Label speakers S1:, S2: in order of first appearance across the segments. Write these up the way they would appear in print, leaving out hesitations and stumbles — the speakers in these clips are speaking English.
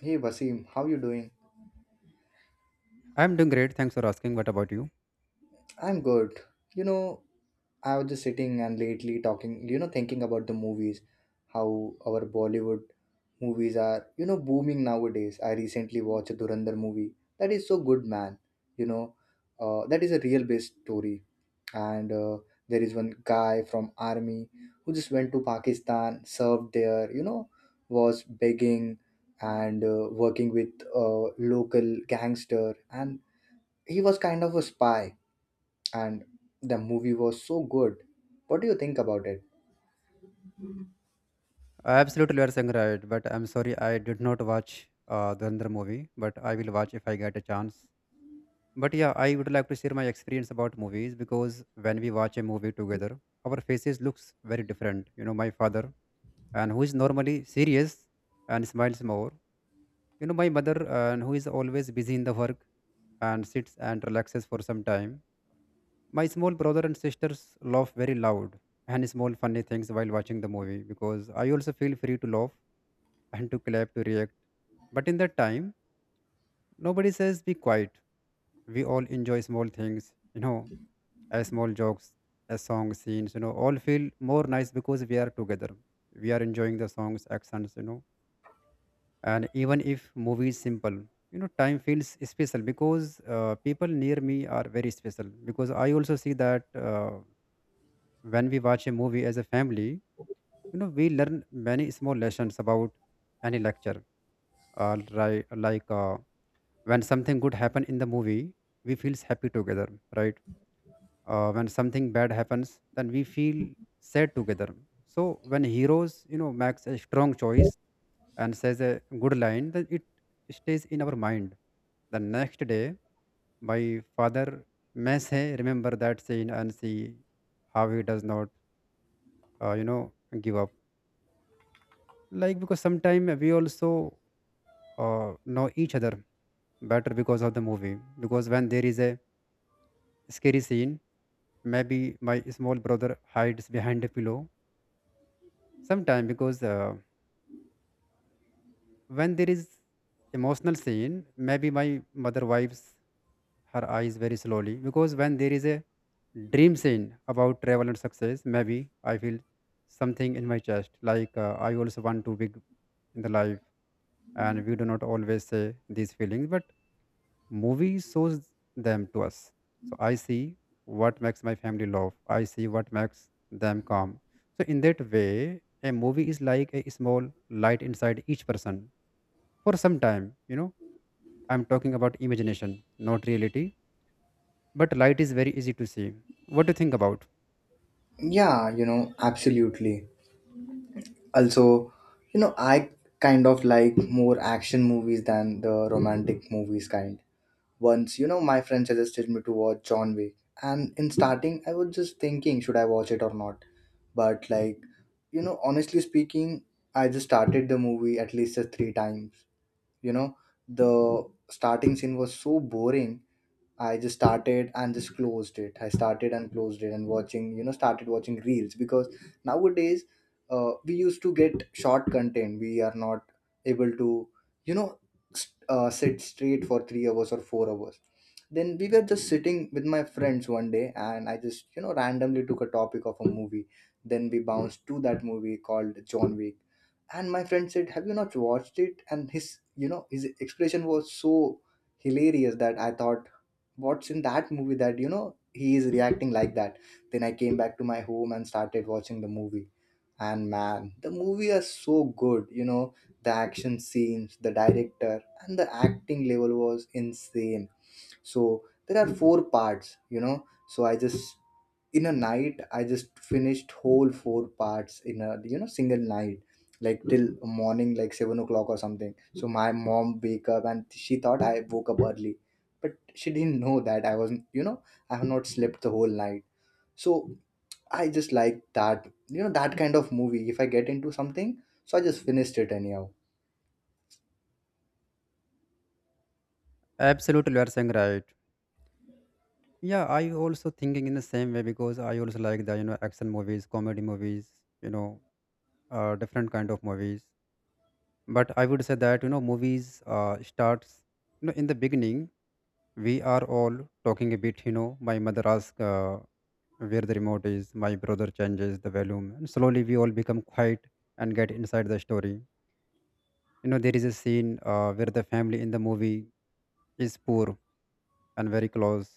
S1: Hey Vasim, how you doing?
S2: I'm doing great. Thanks for asking. What about you?
S1: I'm good. You know, I was just sitting and lately talking, thinking about the movies, how our Bollywood movies are, booming nowadays. I recently watched a Durandar movie. That is so good, man. You know, that is a real based story. And There is one guy from army who just went to Pakistan, served there, you know, was begging and working with a local gangster and he was kind of a spy and the movie was so good. What do you think about it?
S2: Absolutely, you are saying right. But I'm sorry, I did not watch Dhurandhar movie. But I will watch if I get a chance. But yeah, I would like to share my experience about movies because when we watch a movie together, our faces looks very different. You know, my father and who is normally serious and smiles more. You know, my mother and who is always busy in the work and sits and relaxes for some time. My small brother and sisters laugh very loud and small funny things while watching the movie because I also feel free to laugh and to clap to react. But in that time, nobody says be quiet. We all enjoy small things, you know, as small jokes, as song scenes, you know, all feel more nice because we are together. We are enjoying the songs, accents, you know. And even if movie is simple, you know, time feels special because people near me are very special because I also see that. When we watch a movie as a family, you know, we learn many small lessons about any lecture, right, like, when something good happen in the movie, we feels happy together, right. When something bad happens, then we feel sad together. So when heroes, you know, makes a strong choice and says a good line, then it stays in our mind. The next day my father may say remember that scene and see how he does not, you know, give up. Like because sometimes we also, know each other better because of the movie, because when there is a scary scene, maybe my small brother hides behind a pillow. Sometimes because, when there is emotional scene, maybe my mother wipes her eyes very slowly. Because when there is a dream scene about travel and success, maybe I feel something in my chest, like, I also want to big in the life. And we do not always say these feelings, but movie shows them to us. So I see what makes my family laugh. I see what makes them calm. So in that way, a movie is like a small light inside each person for some time. You know, I'm talking about imagination, not reality. But light is very easy to see. What do you think about?
S1: Yeah, you know, absolutely. Also, I kind of like more action movies than the romantic movies kind. Once, my friend suggested me to watch John Wick, and in starting, I was just thinking, should I watch it or not? But honestly speaking, I just started the movie at least three times. You know, the starting scene was so boring. I just started and just closed it. I started and closed it and watching, started watching reels because nowadays we used to get short content. We are not able to, you know, sit straight for 3 hours or 4 hours. Then we were just sitting with my friends one day and I just, you know, randomly took a topic of a movie. Then we bounced to that movie called John Wick, and my friend said, have you not watched it? And his, you know, his expression was so hilarious that I thought, what's in that movie that, you know, he is reacting like that? Then I came back to my home and started watching the movie, and man, the movie is so good, you know, the action scenes, the director, and the acting level was insane. So there are 4 parts, you know, so I just, in a night, I just finished whole 4 parts in a, you know, single night, like till morning, like 7 o'clock or something. So my mom wake up and she thought I woke up early, but she didn't know that I wasn't, you know, I have not slept the whole night. So I just like that, you know, that kind of movie. If I get into something, so I just finished it anyhow.
S2: Absolutely, you are saying right. Yeah, I also thinking in the same way because I also like the, you know, action movies, comedy movies, you know, different kind of movies. But I would say that, you know, movies starts, you know, in the beginning we are all talking a bit. You know, my mother asks, where the remote is, my brother changes the volume, and slowly we all become quiet and get inside the story. You know, there is a scene where the family in the movie is poor and very close.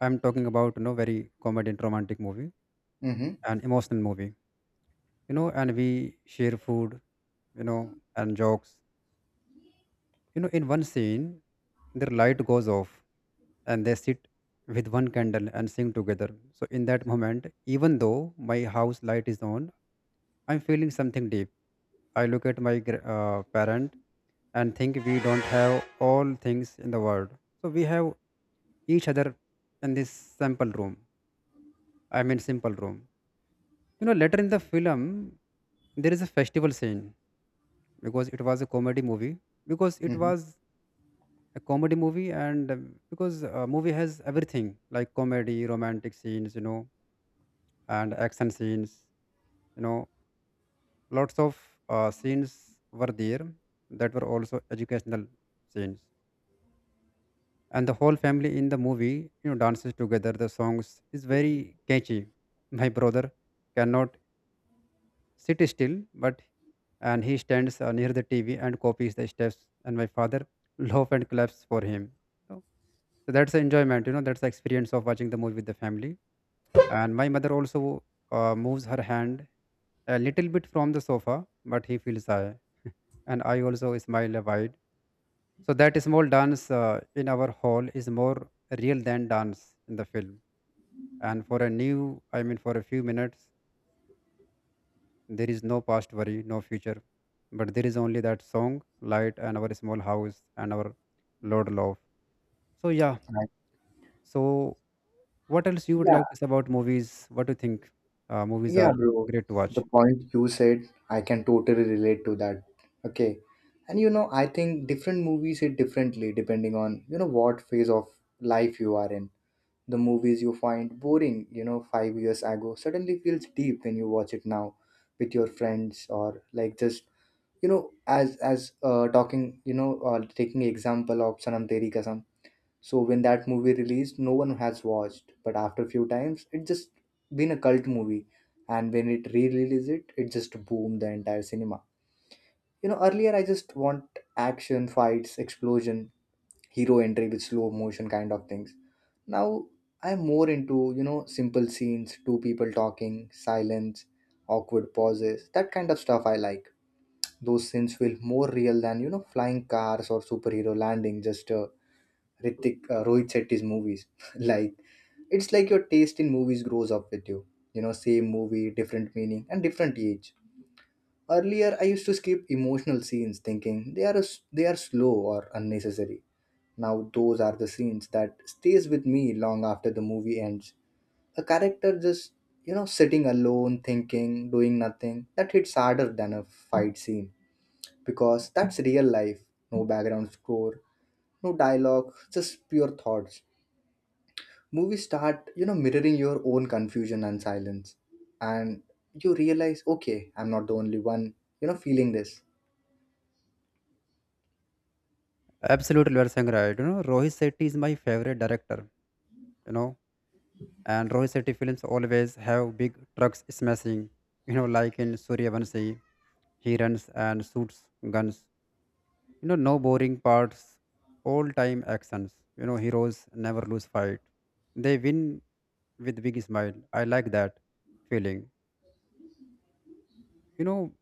S2: I'm talking about, you know, very comedy and romantic movie,
S1: Mm-hmm.
S2: an emotional movie, you know. And we share food, you know, and jokes. You know, in one scene, their light goes off and they sit with one candle and sing together. So, in that moment, even though my house light is on, I'm feeling something deep. I look at my parent and think we don't have all things in the world. So, we have each other in this simple room. I mean, simple room. You know, later in the film, there is a festival scene because it was a comedy movie, because it
S1: Mm-hmm.
S2: was a comedy movie. And because a movie has everything like comedy, romantic scenes, you know, and action scenes, you know, lots of scenes were there that were also educational scenes. And the whole family in the movie, you know, dances together. The songs is very catchy. My brother cannot sit still, but and he stands near the TV and copies the steps, and my father laughs and claps for him. so, so that's the enjoyment, you know, that's the experience of watching the movie with the family. And my mother also, moves her hand a little bit from the sofa, but he feels I and I also smile wide. So that small dance in our hall is more real than dance in the film. And for a new I mean for a few minutes there is no past worry, no future, but there is only that song, light, and our small house and our Lord love. So yeah.
S1: Right.
S2: So what else you would like
S1: Yeah.
S2: to say about movies? What do you think? Movies
S1: Yeah,
S2: are
S1: bro.
S2: great to
S1: The
S2: watch.
S1: point you said, I can totally relate to that. Okay. And you know, I think different movies hit differently depending on, you know, what phase of life you are in. The movies you find boring, you know, 5 years ago suddenly feels deep when you watch it now with your friends or like just, you know, as talking, you know, or taking example of Sanam Teri Kasam. So when that movie released, no one has watched. But after a few times, it just been a cult movie. And when it re-released it, it just boomed the entire cinema. You know, earlier I just want action, fights, explosion, hero entry with slow motion kind of things. Now I'm more into, you know, simple scenes, two people talking, silence, awkward pauses, that kind of stuff I like. Those scenes feel more real than, you know, flying cars or superhero landing, just Rohit Shetty's movies. Like it's like your taste in movies grows up with you. You know, same movie, different meaning and different age. Earlier, I used to skip emotional scenes thinking they are slow or unnecessary. Now those are the scenes that stays with me long after the movie ends. A character just, you know, sitting alone, thinking, doing nothing, that hits harder than a fight scene because that's real life. No background score, no dialogue, just pure thoughts. Movies start, you know, mirroring your own confusion and silence. And you realize, okay, I'm not the only one, you know, feeling this.
S2: Absolutely, you are saying right. You know, Rohit Shetty is my favorite director. You know, and Rohit Shetty films always have big trucks smashing. You know, like in Suryavanshi, he runs and shoots guns. You know, no boring parts, all time actions. You know, heroes never lose fight. They win with big smile. I like that feeling. You know,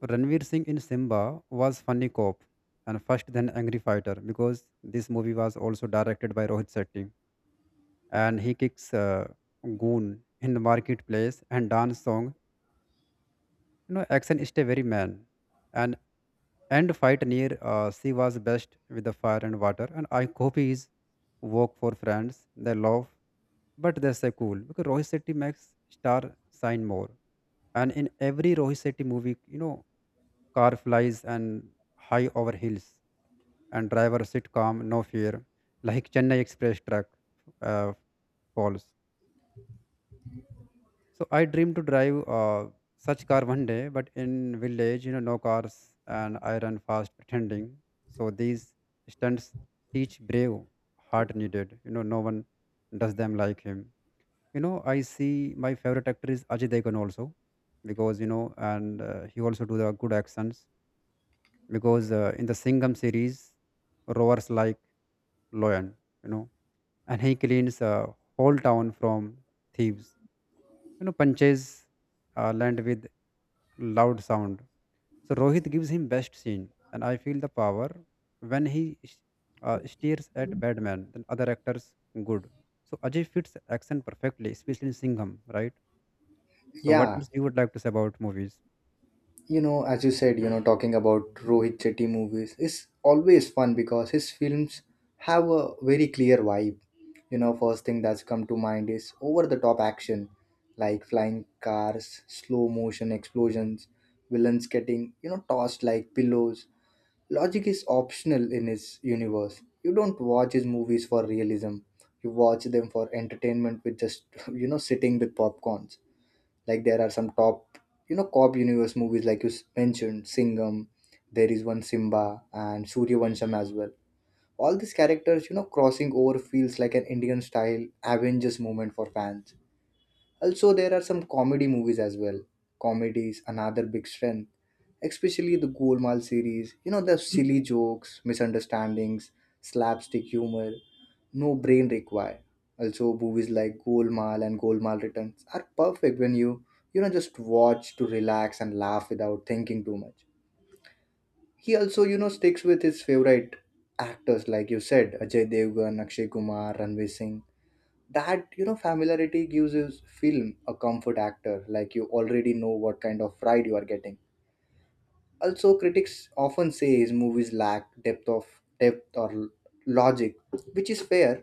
S2: Ranveer Singh in Simba was funny cop and first then angry fighter, because this movie was also directed by Rohit Shetty. And he kicks goon in the marketplace and dance song. You know, action is a very man. And and fight near, she was best with the fire and water, and I copy his work for friends. They love, but they say cool, because Rohit Shetty makes star sign more. And in every Rohit Shetty movie, you know, car flies and high over hills, and driver sit calm, no fear, like Chennai Express truck uh, falls. So I dream to drive such car one day, but in village, you know, no cars, and I run fast pretending. So these stunts teach brave, heart needed. You know, no one does them like him. You know, I see my favorite actor is Ajay Devgn also, because, you know, and he also do the good actions. Because, in the Singham series, roars like lion, you know, and he cleans a whole town from thieves. You know, punches land with loud sound. So Rohit gives him best scene, and I feel the power when he stares at Batman. Then other actors good. So Ajay fits action perfectly, especially in Singham, right? So what
S1: Yeah,
S2: else you would like to say about movies?
S1: you know, as you said, you know, talking about Rohit Chetty movies is always fun because his films have a very clear vibe. You know, first thing that's come to mind is over the top action, like flying cars, slow motion, explosions, villains getting, you know, tossed like pillows. Logic is optional in his universe. You don't watch his movies for realism. You watch them for entertainment with just you know, sitting with popcorns. Like there are some top, you know, cop universe movies like you mentioned Singham, there is one Simba and Suryavansham as well. All these characters, you know, crossing over feels like an Indian style Avengers moment for fans. Also, there are some comedy movies as well. Comedy is another big strength, especially the Golmaal series. You know, the silly jokes, misunderstandings, slapstick humor, no brain required. Also, movies like Golmaal and Golmaal Returns are perfect when you, just watch to relax and laugh without thinking too much. He also, you know, sticks with his favorite actors, like you said, Ajay Devgan, Akshay Kumar, Ranveer Singh. That, you know, familiarity gives his film a comfort actor, like you already know what kind of ride you are getting. Also critics often say his movies lack depth of depth or l- logic, which is fair,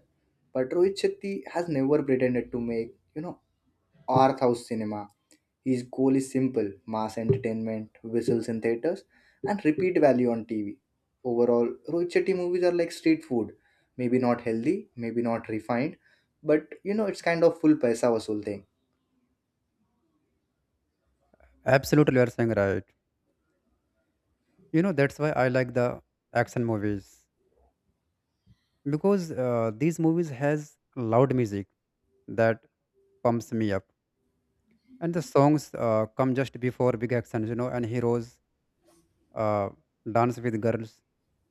S1: but Rohit Shetty has never pretended to make, you know, art house cinema. His goal is simple mass entertainment, whistles in theaters, and repeat value on TV. Overall, Rohit Shetty movies are like street food. Maybe not healthy, maybe not refined, but you know, it's kind of full paisa vasool thing.
S2: Absolutely, you are saying right. You know, that's why I like the action movies, because these movies has loud music that pumps me up, and the songs come just before big actions, you know, and heroes uh, dance with girls,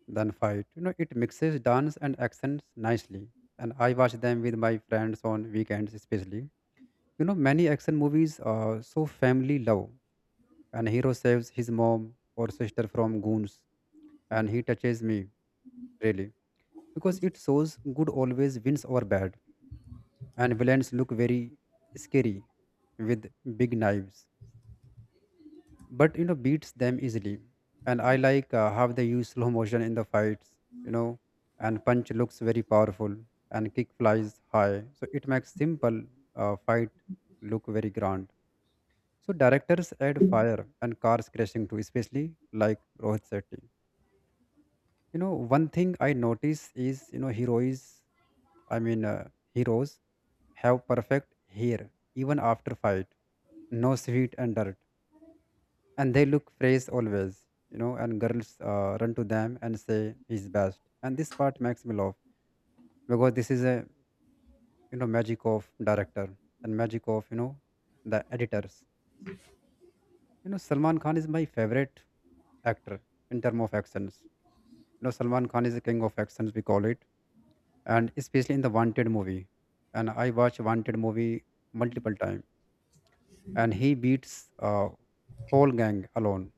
S2: then fight. You know, it mixes dance and actions nicely. And I watch them with my friends on weekends, especially. You know, many action movies are so family love, and hero saves his mom or sister from goons, and he touches me really, because it shows good always wins over bad. And villains look very scary with big knives, but you know beats them easily. And I like, how they use slow motion in the fights, you know, and punch looks very powerful, and kick flies high, so it makes simple fight look very grand. So directors add fire and cars crashing too, especially like Rohit Shetty. You know, one thing I notice is, you know, heroes, i mean uh, heroes have perfect hair even after fight, no sweat and dirt, and they look fresh always, you know, and girls run to them and say he's best. And this part makes me laugh, because this is a, you know, magic of director and magic of, you know, the editors. You know, Salman Khan is my favorite actor in term of actions. You know, Salman Khan is the king of actions we call it, and especially in the Wanted movie. And I watch Wanted movie multiple time. And he beats a whole gang alone.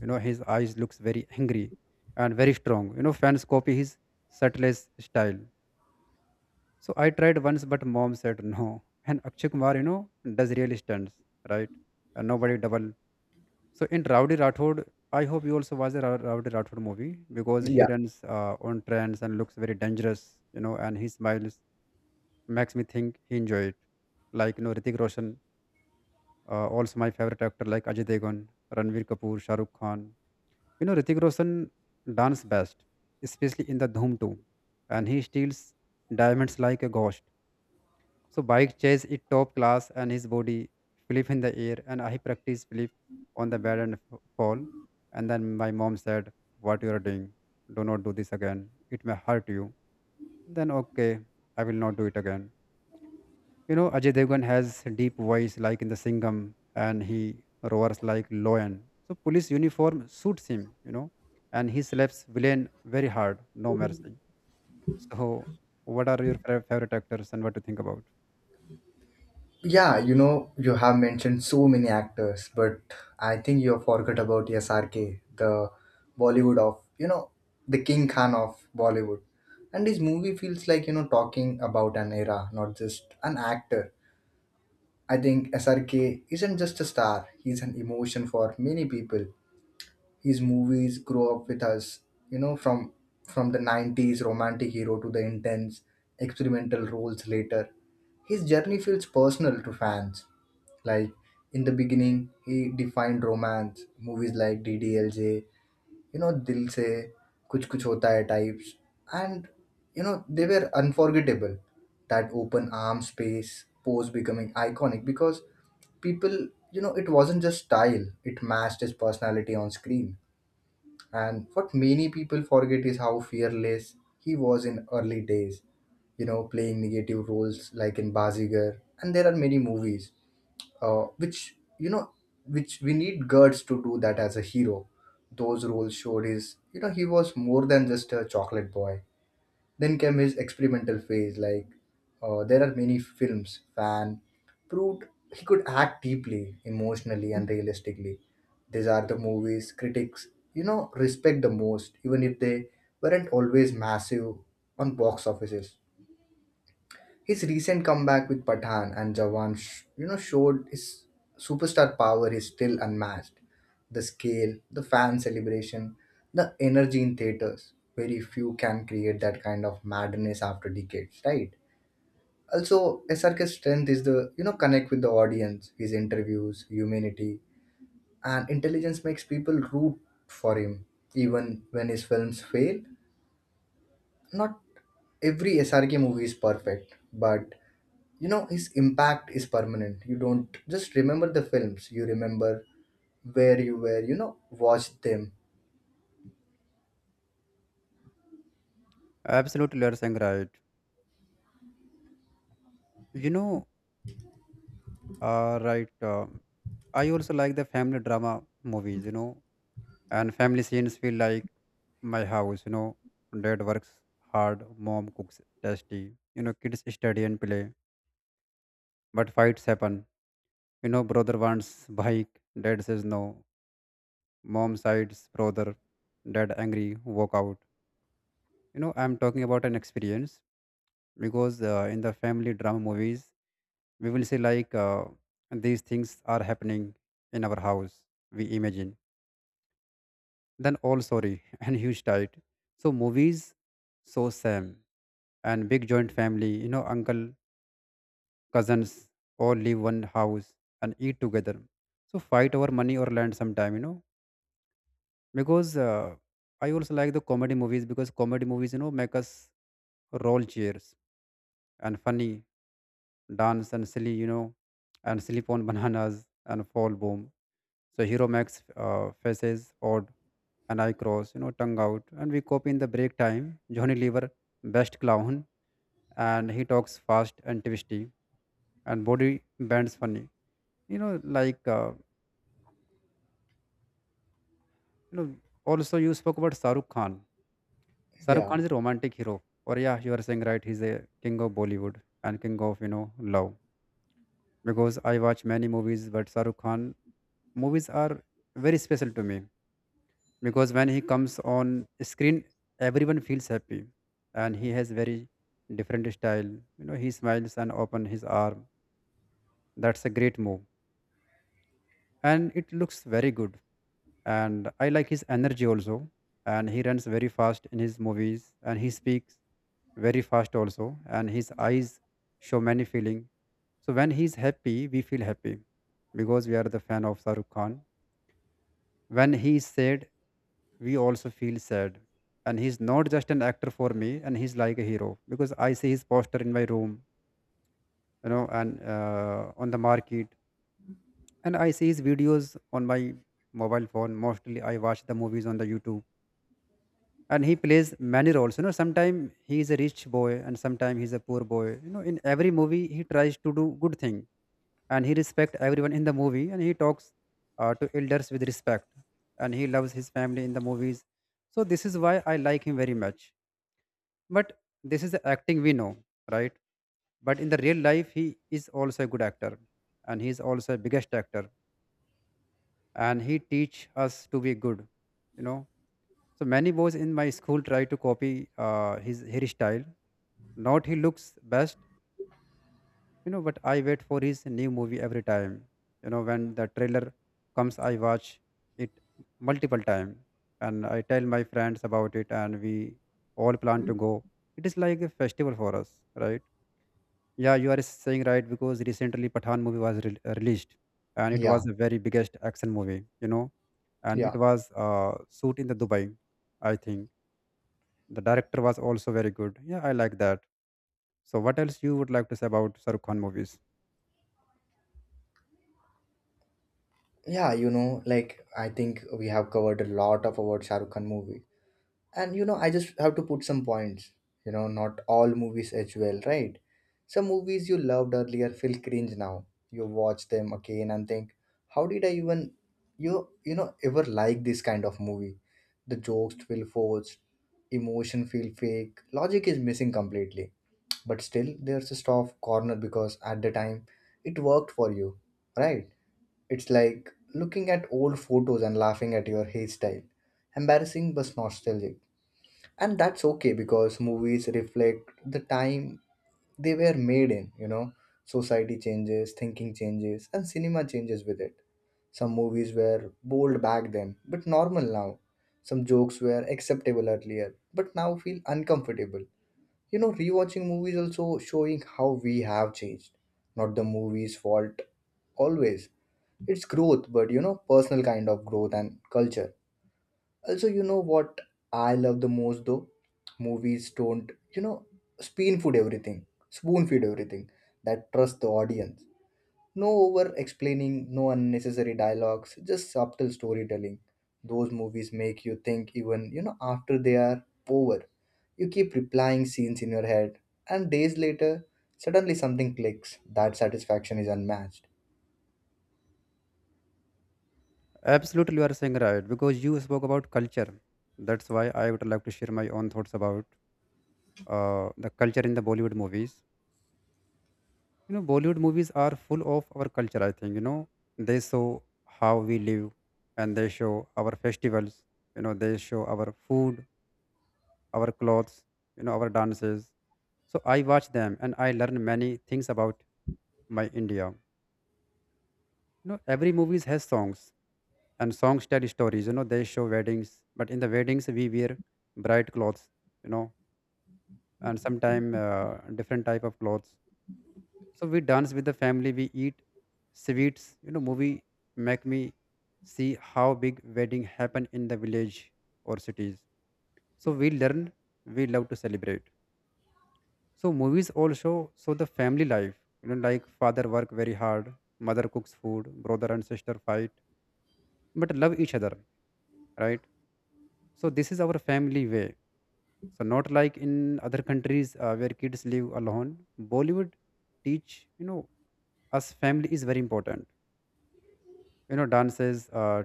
S2: You know, his eyes looks very angry and very strong. You know, fans copy his subtlest style. So I tried once, but mom said no. And Akshay Kumar, you know, does really stunts, right? And nobody double. So in Rowdy Rathod, I hope you also watch the Rowdy Rathod movie, because he
S1: Yeah.
S2: runs on trends and looks very dangerous, you know, and he smiles makes me think he enjoyed it. Like, you know, Ritik Roshan, also, my favorite actor like Ajay Devgn, Ranveer Kapoor, Shah Rukh Khan. You know, Ritik Roshan dance best, especially in the Dhoom 2, and he steals diamonds like a ghost. So bike chase is top class, and his body flip in the air, and I practice flip on the bed and fall. And then my mom said, "What you are doing? Do not do this again. It may hurt you." Then okay, I will not do it again. You know, Ajay Devgan has deep voice like in the Singham, and he roars like lion. So police uniform suits him, you know, and he slaps villain very hard, no mercy. So what are your favorite actors and what to think about?
S1: Yeah, you know, you have mentioned so many actors, but I think you have forgot about SRK, the Bollywood of, you know, the King Khan of Bollywood. And his movie feels like, you know, talking about an era, not just an actor. I think SRK isn't just a star, he's an emotion for many people. His movies grow up with us, you know, from the 90s romantic hero to the intense experimental roles later. His journey feels personal to fans. Like in the beginning, he defined romance. Movies like DDLJ, you know, Dil Se, Kuch Kuch Hota Hai types, and you know, they were unforgettable. That open arm space pose becoming iconic because people, you know, it wasn't just style, it matched his personality on screen. And what many people forget is how fearless he was in early days, you know, playing negative roles like in Bazigar. And there are many movies, which you know, which we need Gerds to do that as a hero. Those roles showed his, you know, he was more than just a chocolate boy. Then came his experimental phase. Like there are many films fan proved he could act deeply, emotionally, and realistically. These are the movies critics, you know, respect the most, even if they weren't always massive on box offices. His recent comeback with Pathan and Jawan, you know, showed his superstar power is still unmatched. The scale, the fan celebration, the energy in theaters. Very few can create that kind of madness after decades, right? Also, SRK's strength is the, you know, connect with the audience. His interviews, humanity, and intelligence makes people root for him, even when his films fail. Not every SRK movie is perfect, but you know, his impact is permanent. You don't just remember the films; you remember where you were, you know, watched them.
S2: Absolutely, you are saying right. You know, uh, right. um I also like the family drama movies, you know, and family scenes feel like my house, you know. Dad works hard, mom cooks tasty, you know, kids study and play, but fights happen. You know, brother wants bike, dad says no. Mom sides brother, dad angry, walk out. You know, I'm talking about an experience because in the family drama movies, we will see like these things are happening in our house. We imagine. Then all sorry and huge tight. So movies, so same, and big joint family. You know, uncle, cousins, all live one house and eat together, so fight over money or land sometime, you know, because I also like the comedy movies, because comedy movies, you know, make us roll chairs and funny dance and silly, you know, and sleep on bananas and fall boom. So hero makes faces odd, and I cross, you know, tongue out, and we copy in the break time. Johnny Lever, best clown, and he talks fast and twisty and body bends funny, you know, like you know, also you spoke about Shahrukh Khan. Shahrukh
S1: Yeah,
S2: Khan is a romantic hero, or yeah, you are saying right. He's a king of Bollywood and king of, you know, love. Because I watch many movies, but Shahrukh Khan movies are very special to me, because when he comes on screen, everyone feels happy, and he has very different style. You know, he smiles and open his arm. That's a great move, and it looks very good. And I like his energy also, and he runs very fast in his movies, and he speaks very fast also, and his eyes show many feeling. So when he's happy, we feel happy, because we are the fan of Shahrukh Khan. When he is sad, we also feel sad. And he's not just an actor for me, and he's like a hero, because I see his poster in my room, you know, and on the market, and I see his videos on my mobile phone. Mostly I watch the movies on the YouTube. And he plays many roles, you know, sometimes he is a rich boy and sometimes he's a poor boy. You know, in every movie he tries to do good thing, and he respects everyone in the movie, and he talks to elders with respect, and he loves his family in the movies. So this is why I like him very much. But this is the acting, we know, right? But in the real life, he is also a good actor, and he is also a biggest actor, and he teach us to be good, you know. So many boys in my school try to copy his hairstyle, not he looks best, you know. But I wait for his new movie every time, you know. When the trailer comes, I watch it multiple time, and I tell my friends about it, and we all plan to go. It is like a festival for us, right? Yeah, you are saying right, because recently Pathan movie was released, and it
S1: yeah,
S2: was the very biggest action movie, you know. And it
S1: yeah,
S2: was shoot in the Dubai, I think. The director was also very good. Yeah, I like that. So what else you would like to say about Sarukhan movies?
S1: yeah. You know, like I think we have covered a lot of about Shah Rukh Khan movie. And you know, I just have to put some points. You know, not all movies age well, right? Some movies you loved earlier feel cringe now. You watch them again and think, how did I even, you know, ever like this kind of movie? The jokes feel forced, emotion feel fake, logic is missing completely. But still there's a soft corner because at the time it worked for you, right? It's like looking at old photos and laughing at your hairstyle, embarrassing but nostalgic. And that's okay because movies reflect the time they were made in, you know, society changes, thinking changes, and cinema changes with it. Some movies were bold back then but normal now. Some jokes were acceptable earlier but now feel uncomfortable. You know, rewatching movies also showing how we have changed, not the movie's fault always. It's growth, but you know, personal kind of growth and culture. Also, you know what I love the most though? Movies don't, you know, spoon feed everything, that trust the audience. No over explaining, no unnecessary dialogues, just subtle storytelling. Those movies make you think even, you know, after they are over. You keep replying scenes in your head, and days later, suddenly something clicks. That satisfaction is unmatched.
S2: Absolutely, you are saying right, because you spoke about culture. That's why I would like to share my own thoughts about the culture in the Bollywood movies. You know, Bollywood movies are full of our culture. I think, you know, they show how we live, and they show our festivals. You know, they show our food, our clothes, you know, our dances. So I watch them and I learn many things about my India. You know, every movies has songs, and songs tell stories. You know, they show weddings, but in the weddings we wear bright clothes, you know, and sometimes different type of clothes. So we dance with the family, we eat sweets. You know, movie make me see how big wedding happen in the village or cities. So we learn, we love to celebrate. So movies also show the family life, you know, like father work very hard, mother cooks food, brother and sister fight but love each other, right? So this is our family way. So not like in other countries where kids live alone. Bollywood teach, you know, us family is very important. You know, dances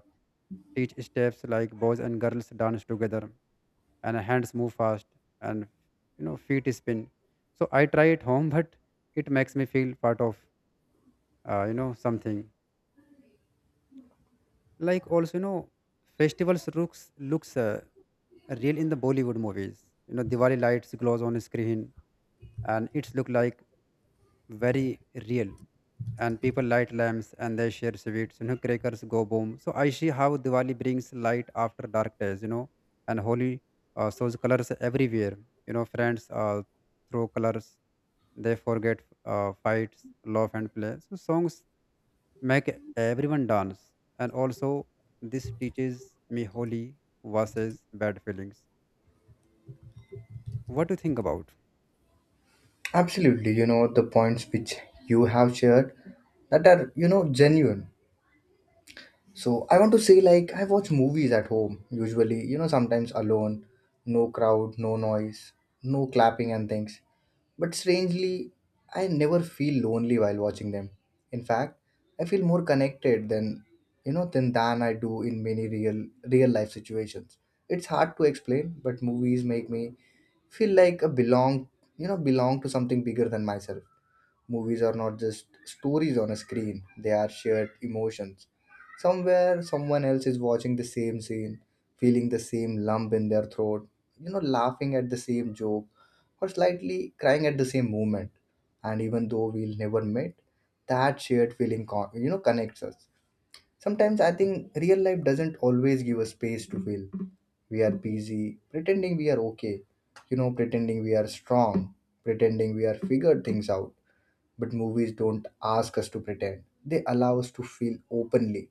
S2: teach steps, like boys and girls dance together, and hands move fast, and, you know, feet spin. So I try at home, but it makes me feel part of you know, something. Like, also, you know, festivals looks real in the Bollywood movies. You know, Diwali lights glows on screen, and it's look like very real, and people light lamps and they share sweets. You know, crackers go boom. So I see how Diwali brings light after dark days, you know. And Holi shows colors everywhere. You know, friends throw colors, they forget fights, love, and play. So songs make everyone dance, and also this teaches me Holi versus bad feelings. What do you think about?
S1: Absolutely, the points which you have shared that are genuine. So I want to say like I watch movies at home usually, sometimes alone, no crowd, no noise, no clapping and things. But strangely, I never feel lonely while watching them. In fact, I feel more connected than you know than I do in many real life situations. It's hard to explain, but movies make me feel like a belong, belong to something bigger than myself. Movies are not just stories on a screen; they are shared emotions. Somewhere someone else is watching the same scene, feeling the same lump in their throat, laughing at the same joke, or slightly crying at the same moment. And even though we'll never meet, that shared feeling, connects us. Sometimes I think real life doesn't always give us space to feel. We are busy, pretending we are okay, pretending we are strong, pretending we are figured things out. But movies don't ask us to pretend. They allow us to feel openly,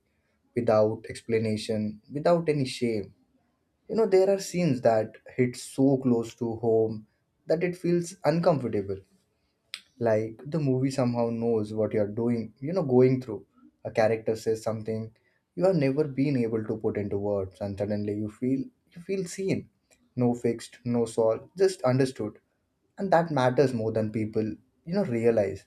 S1: without explanation, without any shame. There are scenes that hit so close to home that it feels uncomfortable. Like the movie somehow knows what you're doing, going through. A character says something you have never been able to put into words, and suddenly you feel seen. No fixed, no solved, just understood, and that matters more than people realize.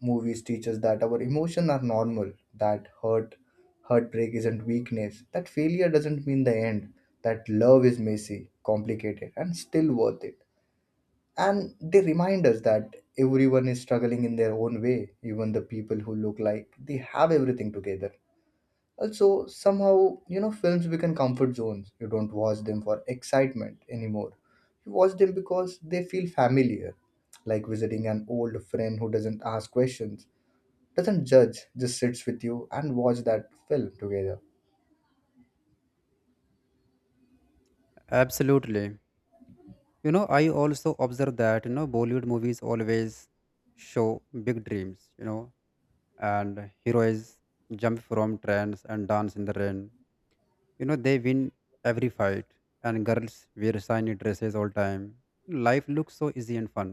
S1: Movies teach us that our emotions are normal, that hurt, heartbreak isn't weakness, that failure doesn't mean the end, that love is messy, complicated, and still worth it. And they remind us that everyone is struggling in their own way, even the people who look like they have everything together. Also, somehow, films become comfort zones. You don't watch them for excitement anymore. You watch them because they feel familiar, like visiting an old friend who doesn't ask questions, doesn't judge, just sits with you and watch that film together.
S2: Absolutely, you know, I also observe that, you know, Bollywood movies always show big dreams, you know, and heroes jump from trains and dance in the rain, you know, they win every fight, and girls wear shiny dresses all time. Life looks so easy and fun,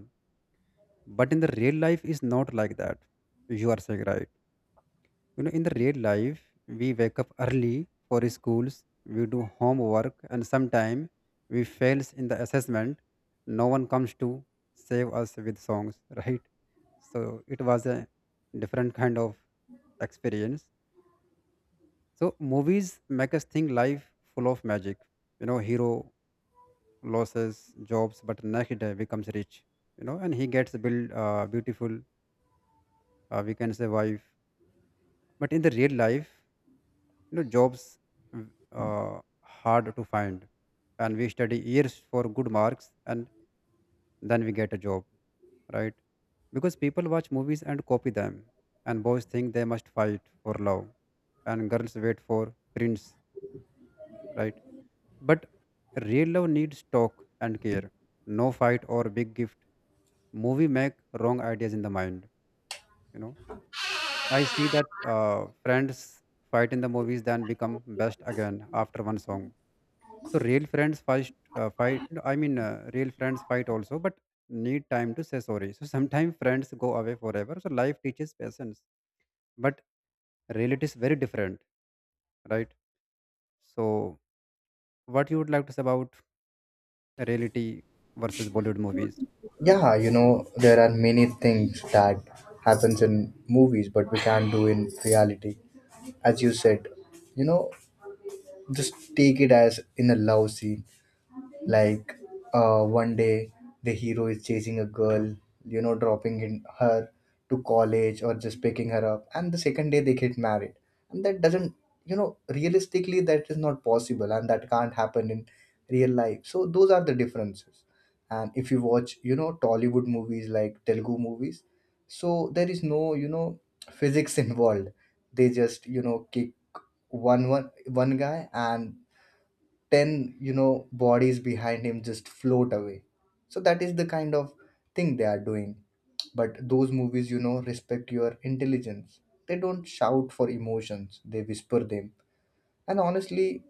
S2: but in the real life is not like that, you are saying right. You know, in the real life, we wake up early for schools, we do homework, and sometimes we fails in the assessment. No one comes to save us with songs, right? So it was a different kind of experience. So movies make us think life full of magic. You know, hero loses jobs, but next day becomes rich. You know, and he gets a build, beautiful, we can say, wife. But in the real life, you know, jobs, mm, uh, hard to find, and we study years for good marks and then we get a job, right? Because people watch movies and copy them, and boys think they must fight for love, and girls wait for prince, right? But real love needs talk and care, no fight or big gift. Movie make wrong ideas in the mind, you know. I see that friends fight in the movies, then become best again after one song. So real friends first real friends fight also, but need time to say sorry. So sometimes friends go away forever. So life teaches patience, but reality is very different, right? So what you would like to say about reality versus Bollywood movies?
S1: Yeah, there are many things that happens in movies but we can't do in reality. As you said, you know, just take it as in a love scene. Like one day, the hero is chasing a girl, dropping in her to college or just picking her up, and the second day they get married. And that doesn't, realistically, that is not possible, and that can't happen in real life. So those are the differences. And if you watch, Tollywood movies like Telugu movies, so there is no, physics involved. They just, kick one guy and 10 you know bodies behind him just float away. So that is the kind of thing they are doing. But those movies respect your intelligence. They don't shout for emotions; they whisper them. And honestly,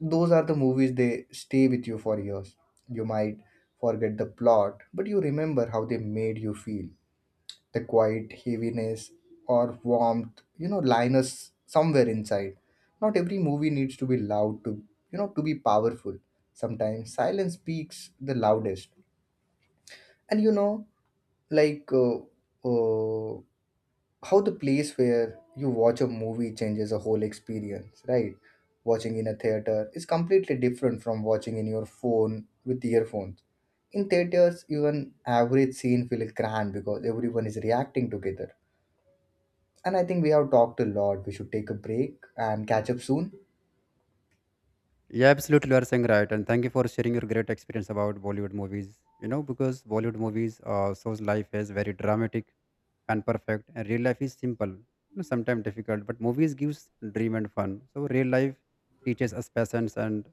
S1: those are the movies they stay with you for years. You might forget the plot, but you remember how they made you feel, the quiet heaviness or warmth line us somewhere inside. Not every movie needs to be loud to you know to be powerful. Sometimes silence speaks the loudest. And you know like uh, uh, how the place where you watch a movie changes a whole experience, right? Watching in a theater is completely different from watching in your phone with earphones. In theaters even average scene feels grand because everyone is reacting together. And I think we have talked a lot. We should take a break and catch up soon.
S2: Yeah, absolutely. You are saying right. And thank you for sharing your great experience about Bollywood movies. You know, because Bollywood movies shows life as very dramatic and perfect, and real life is simple, you know, sometimes difficult, but movies gives dream and fun. So real life teaches us patience and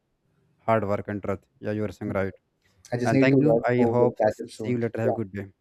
S2: hard work and truth. Yeah, you are saying right.
S1: I just
S2: And
S1: need to
S2: thank you.
S1: rush,
S2: I
S1: so we'll
S2: hope
S1: catch up
S2: see you
S1: soon.
S2: later. Have a
S1: Yeah.
S2: good day.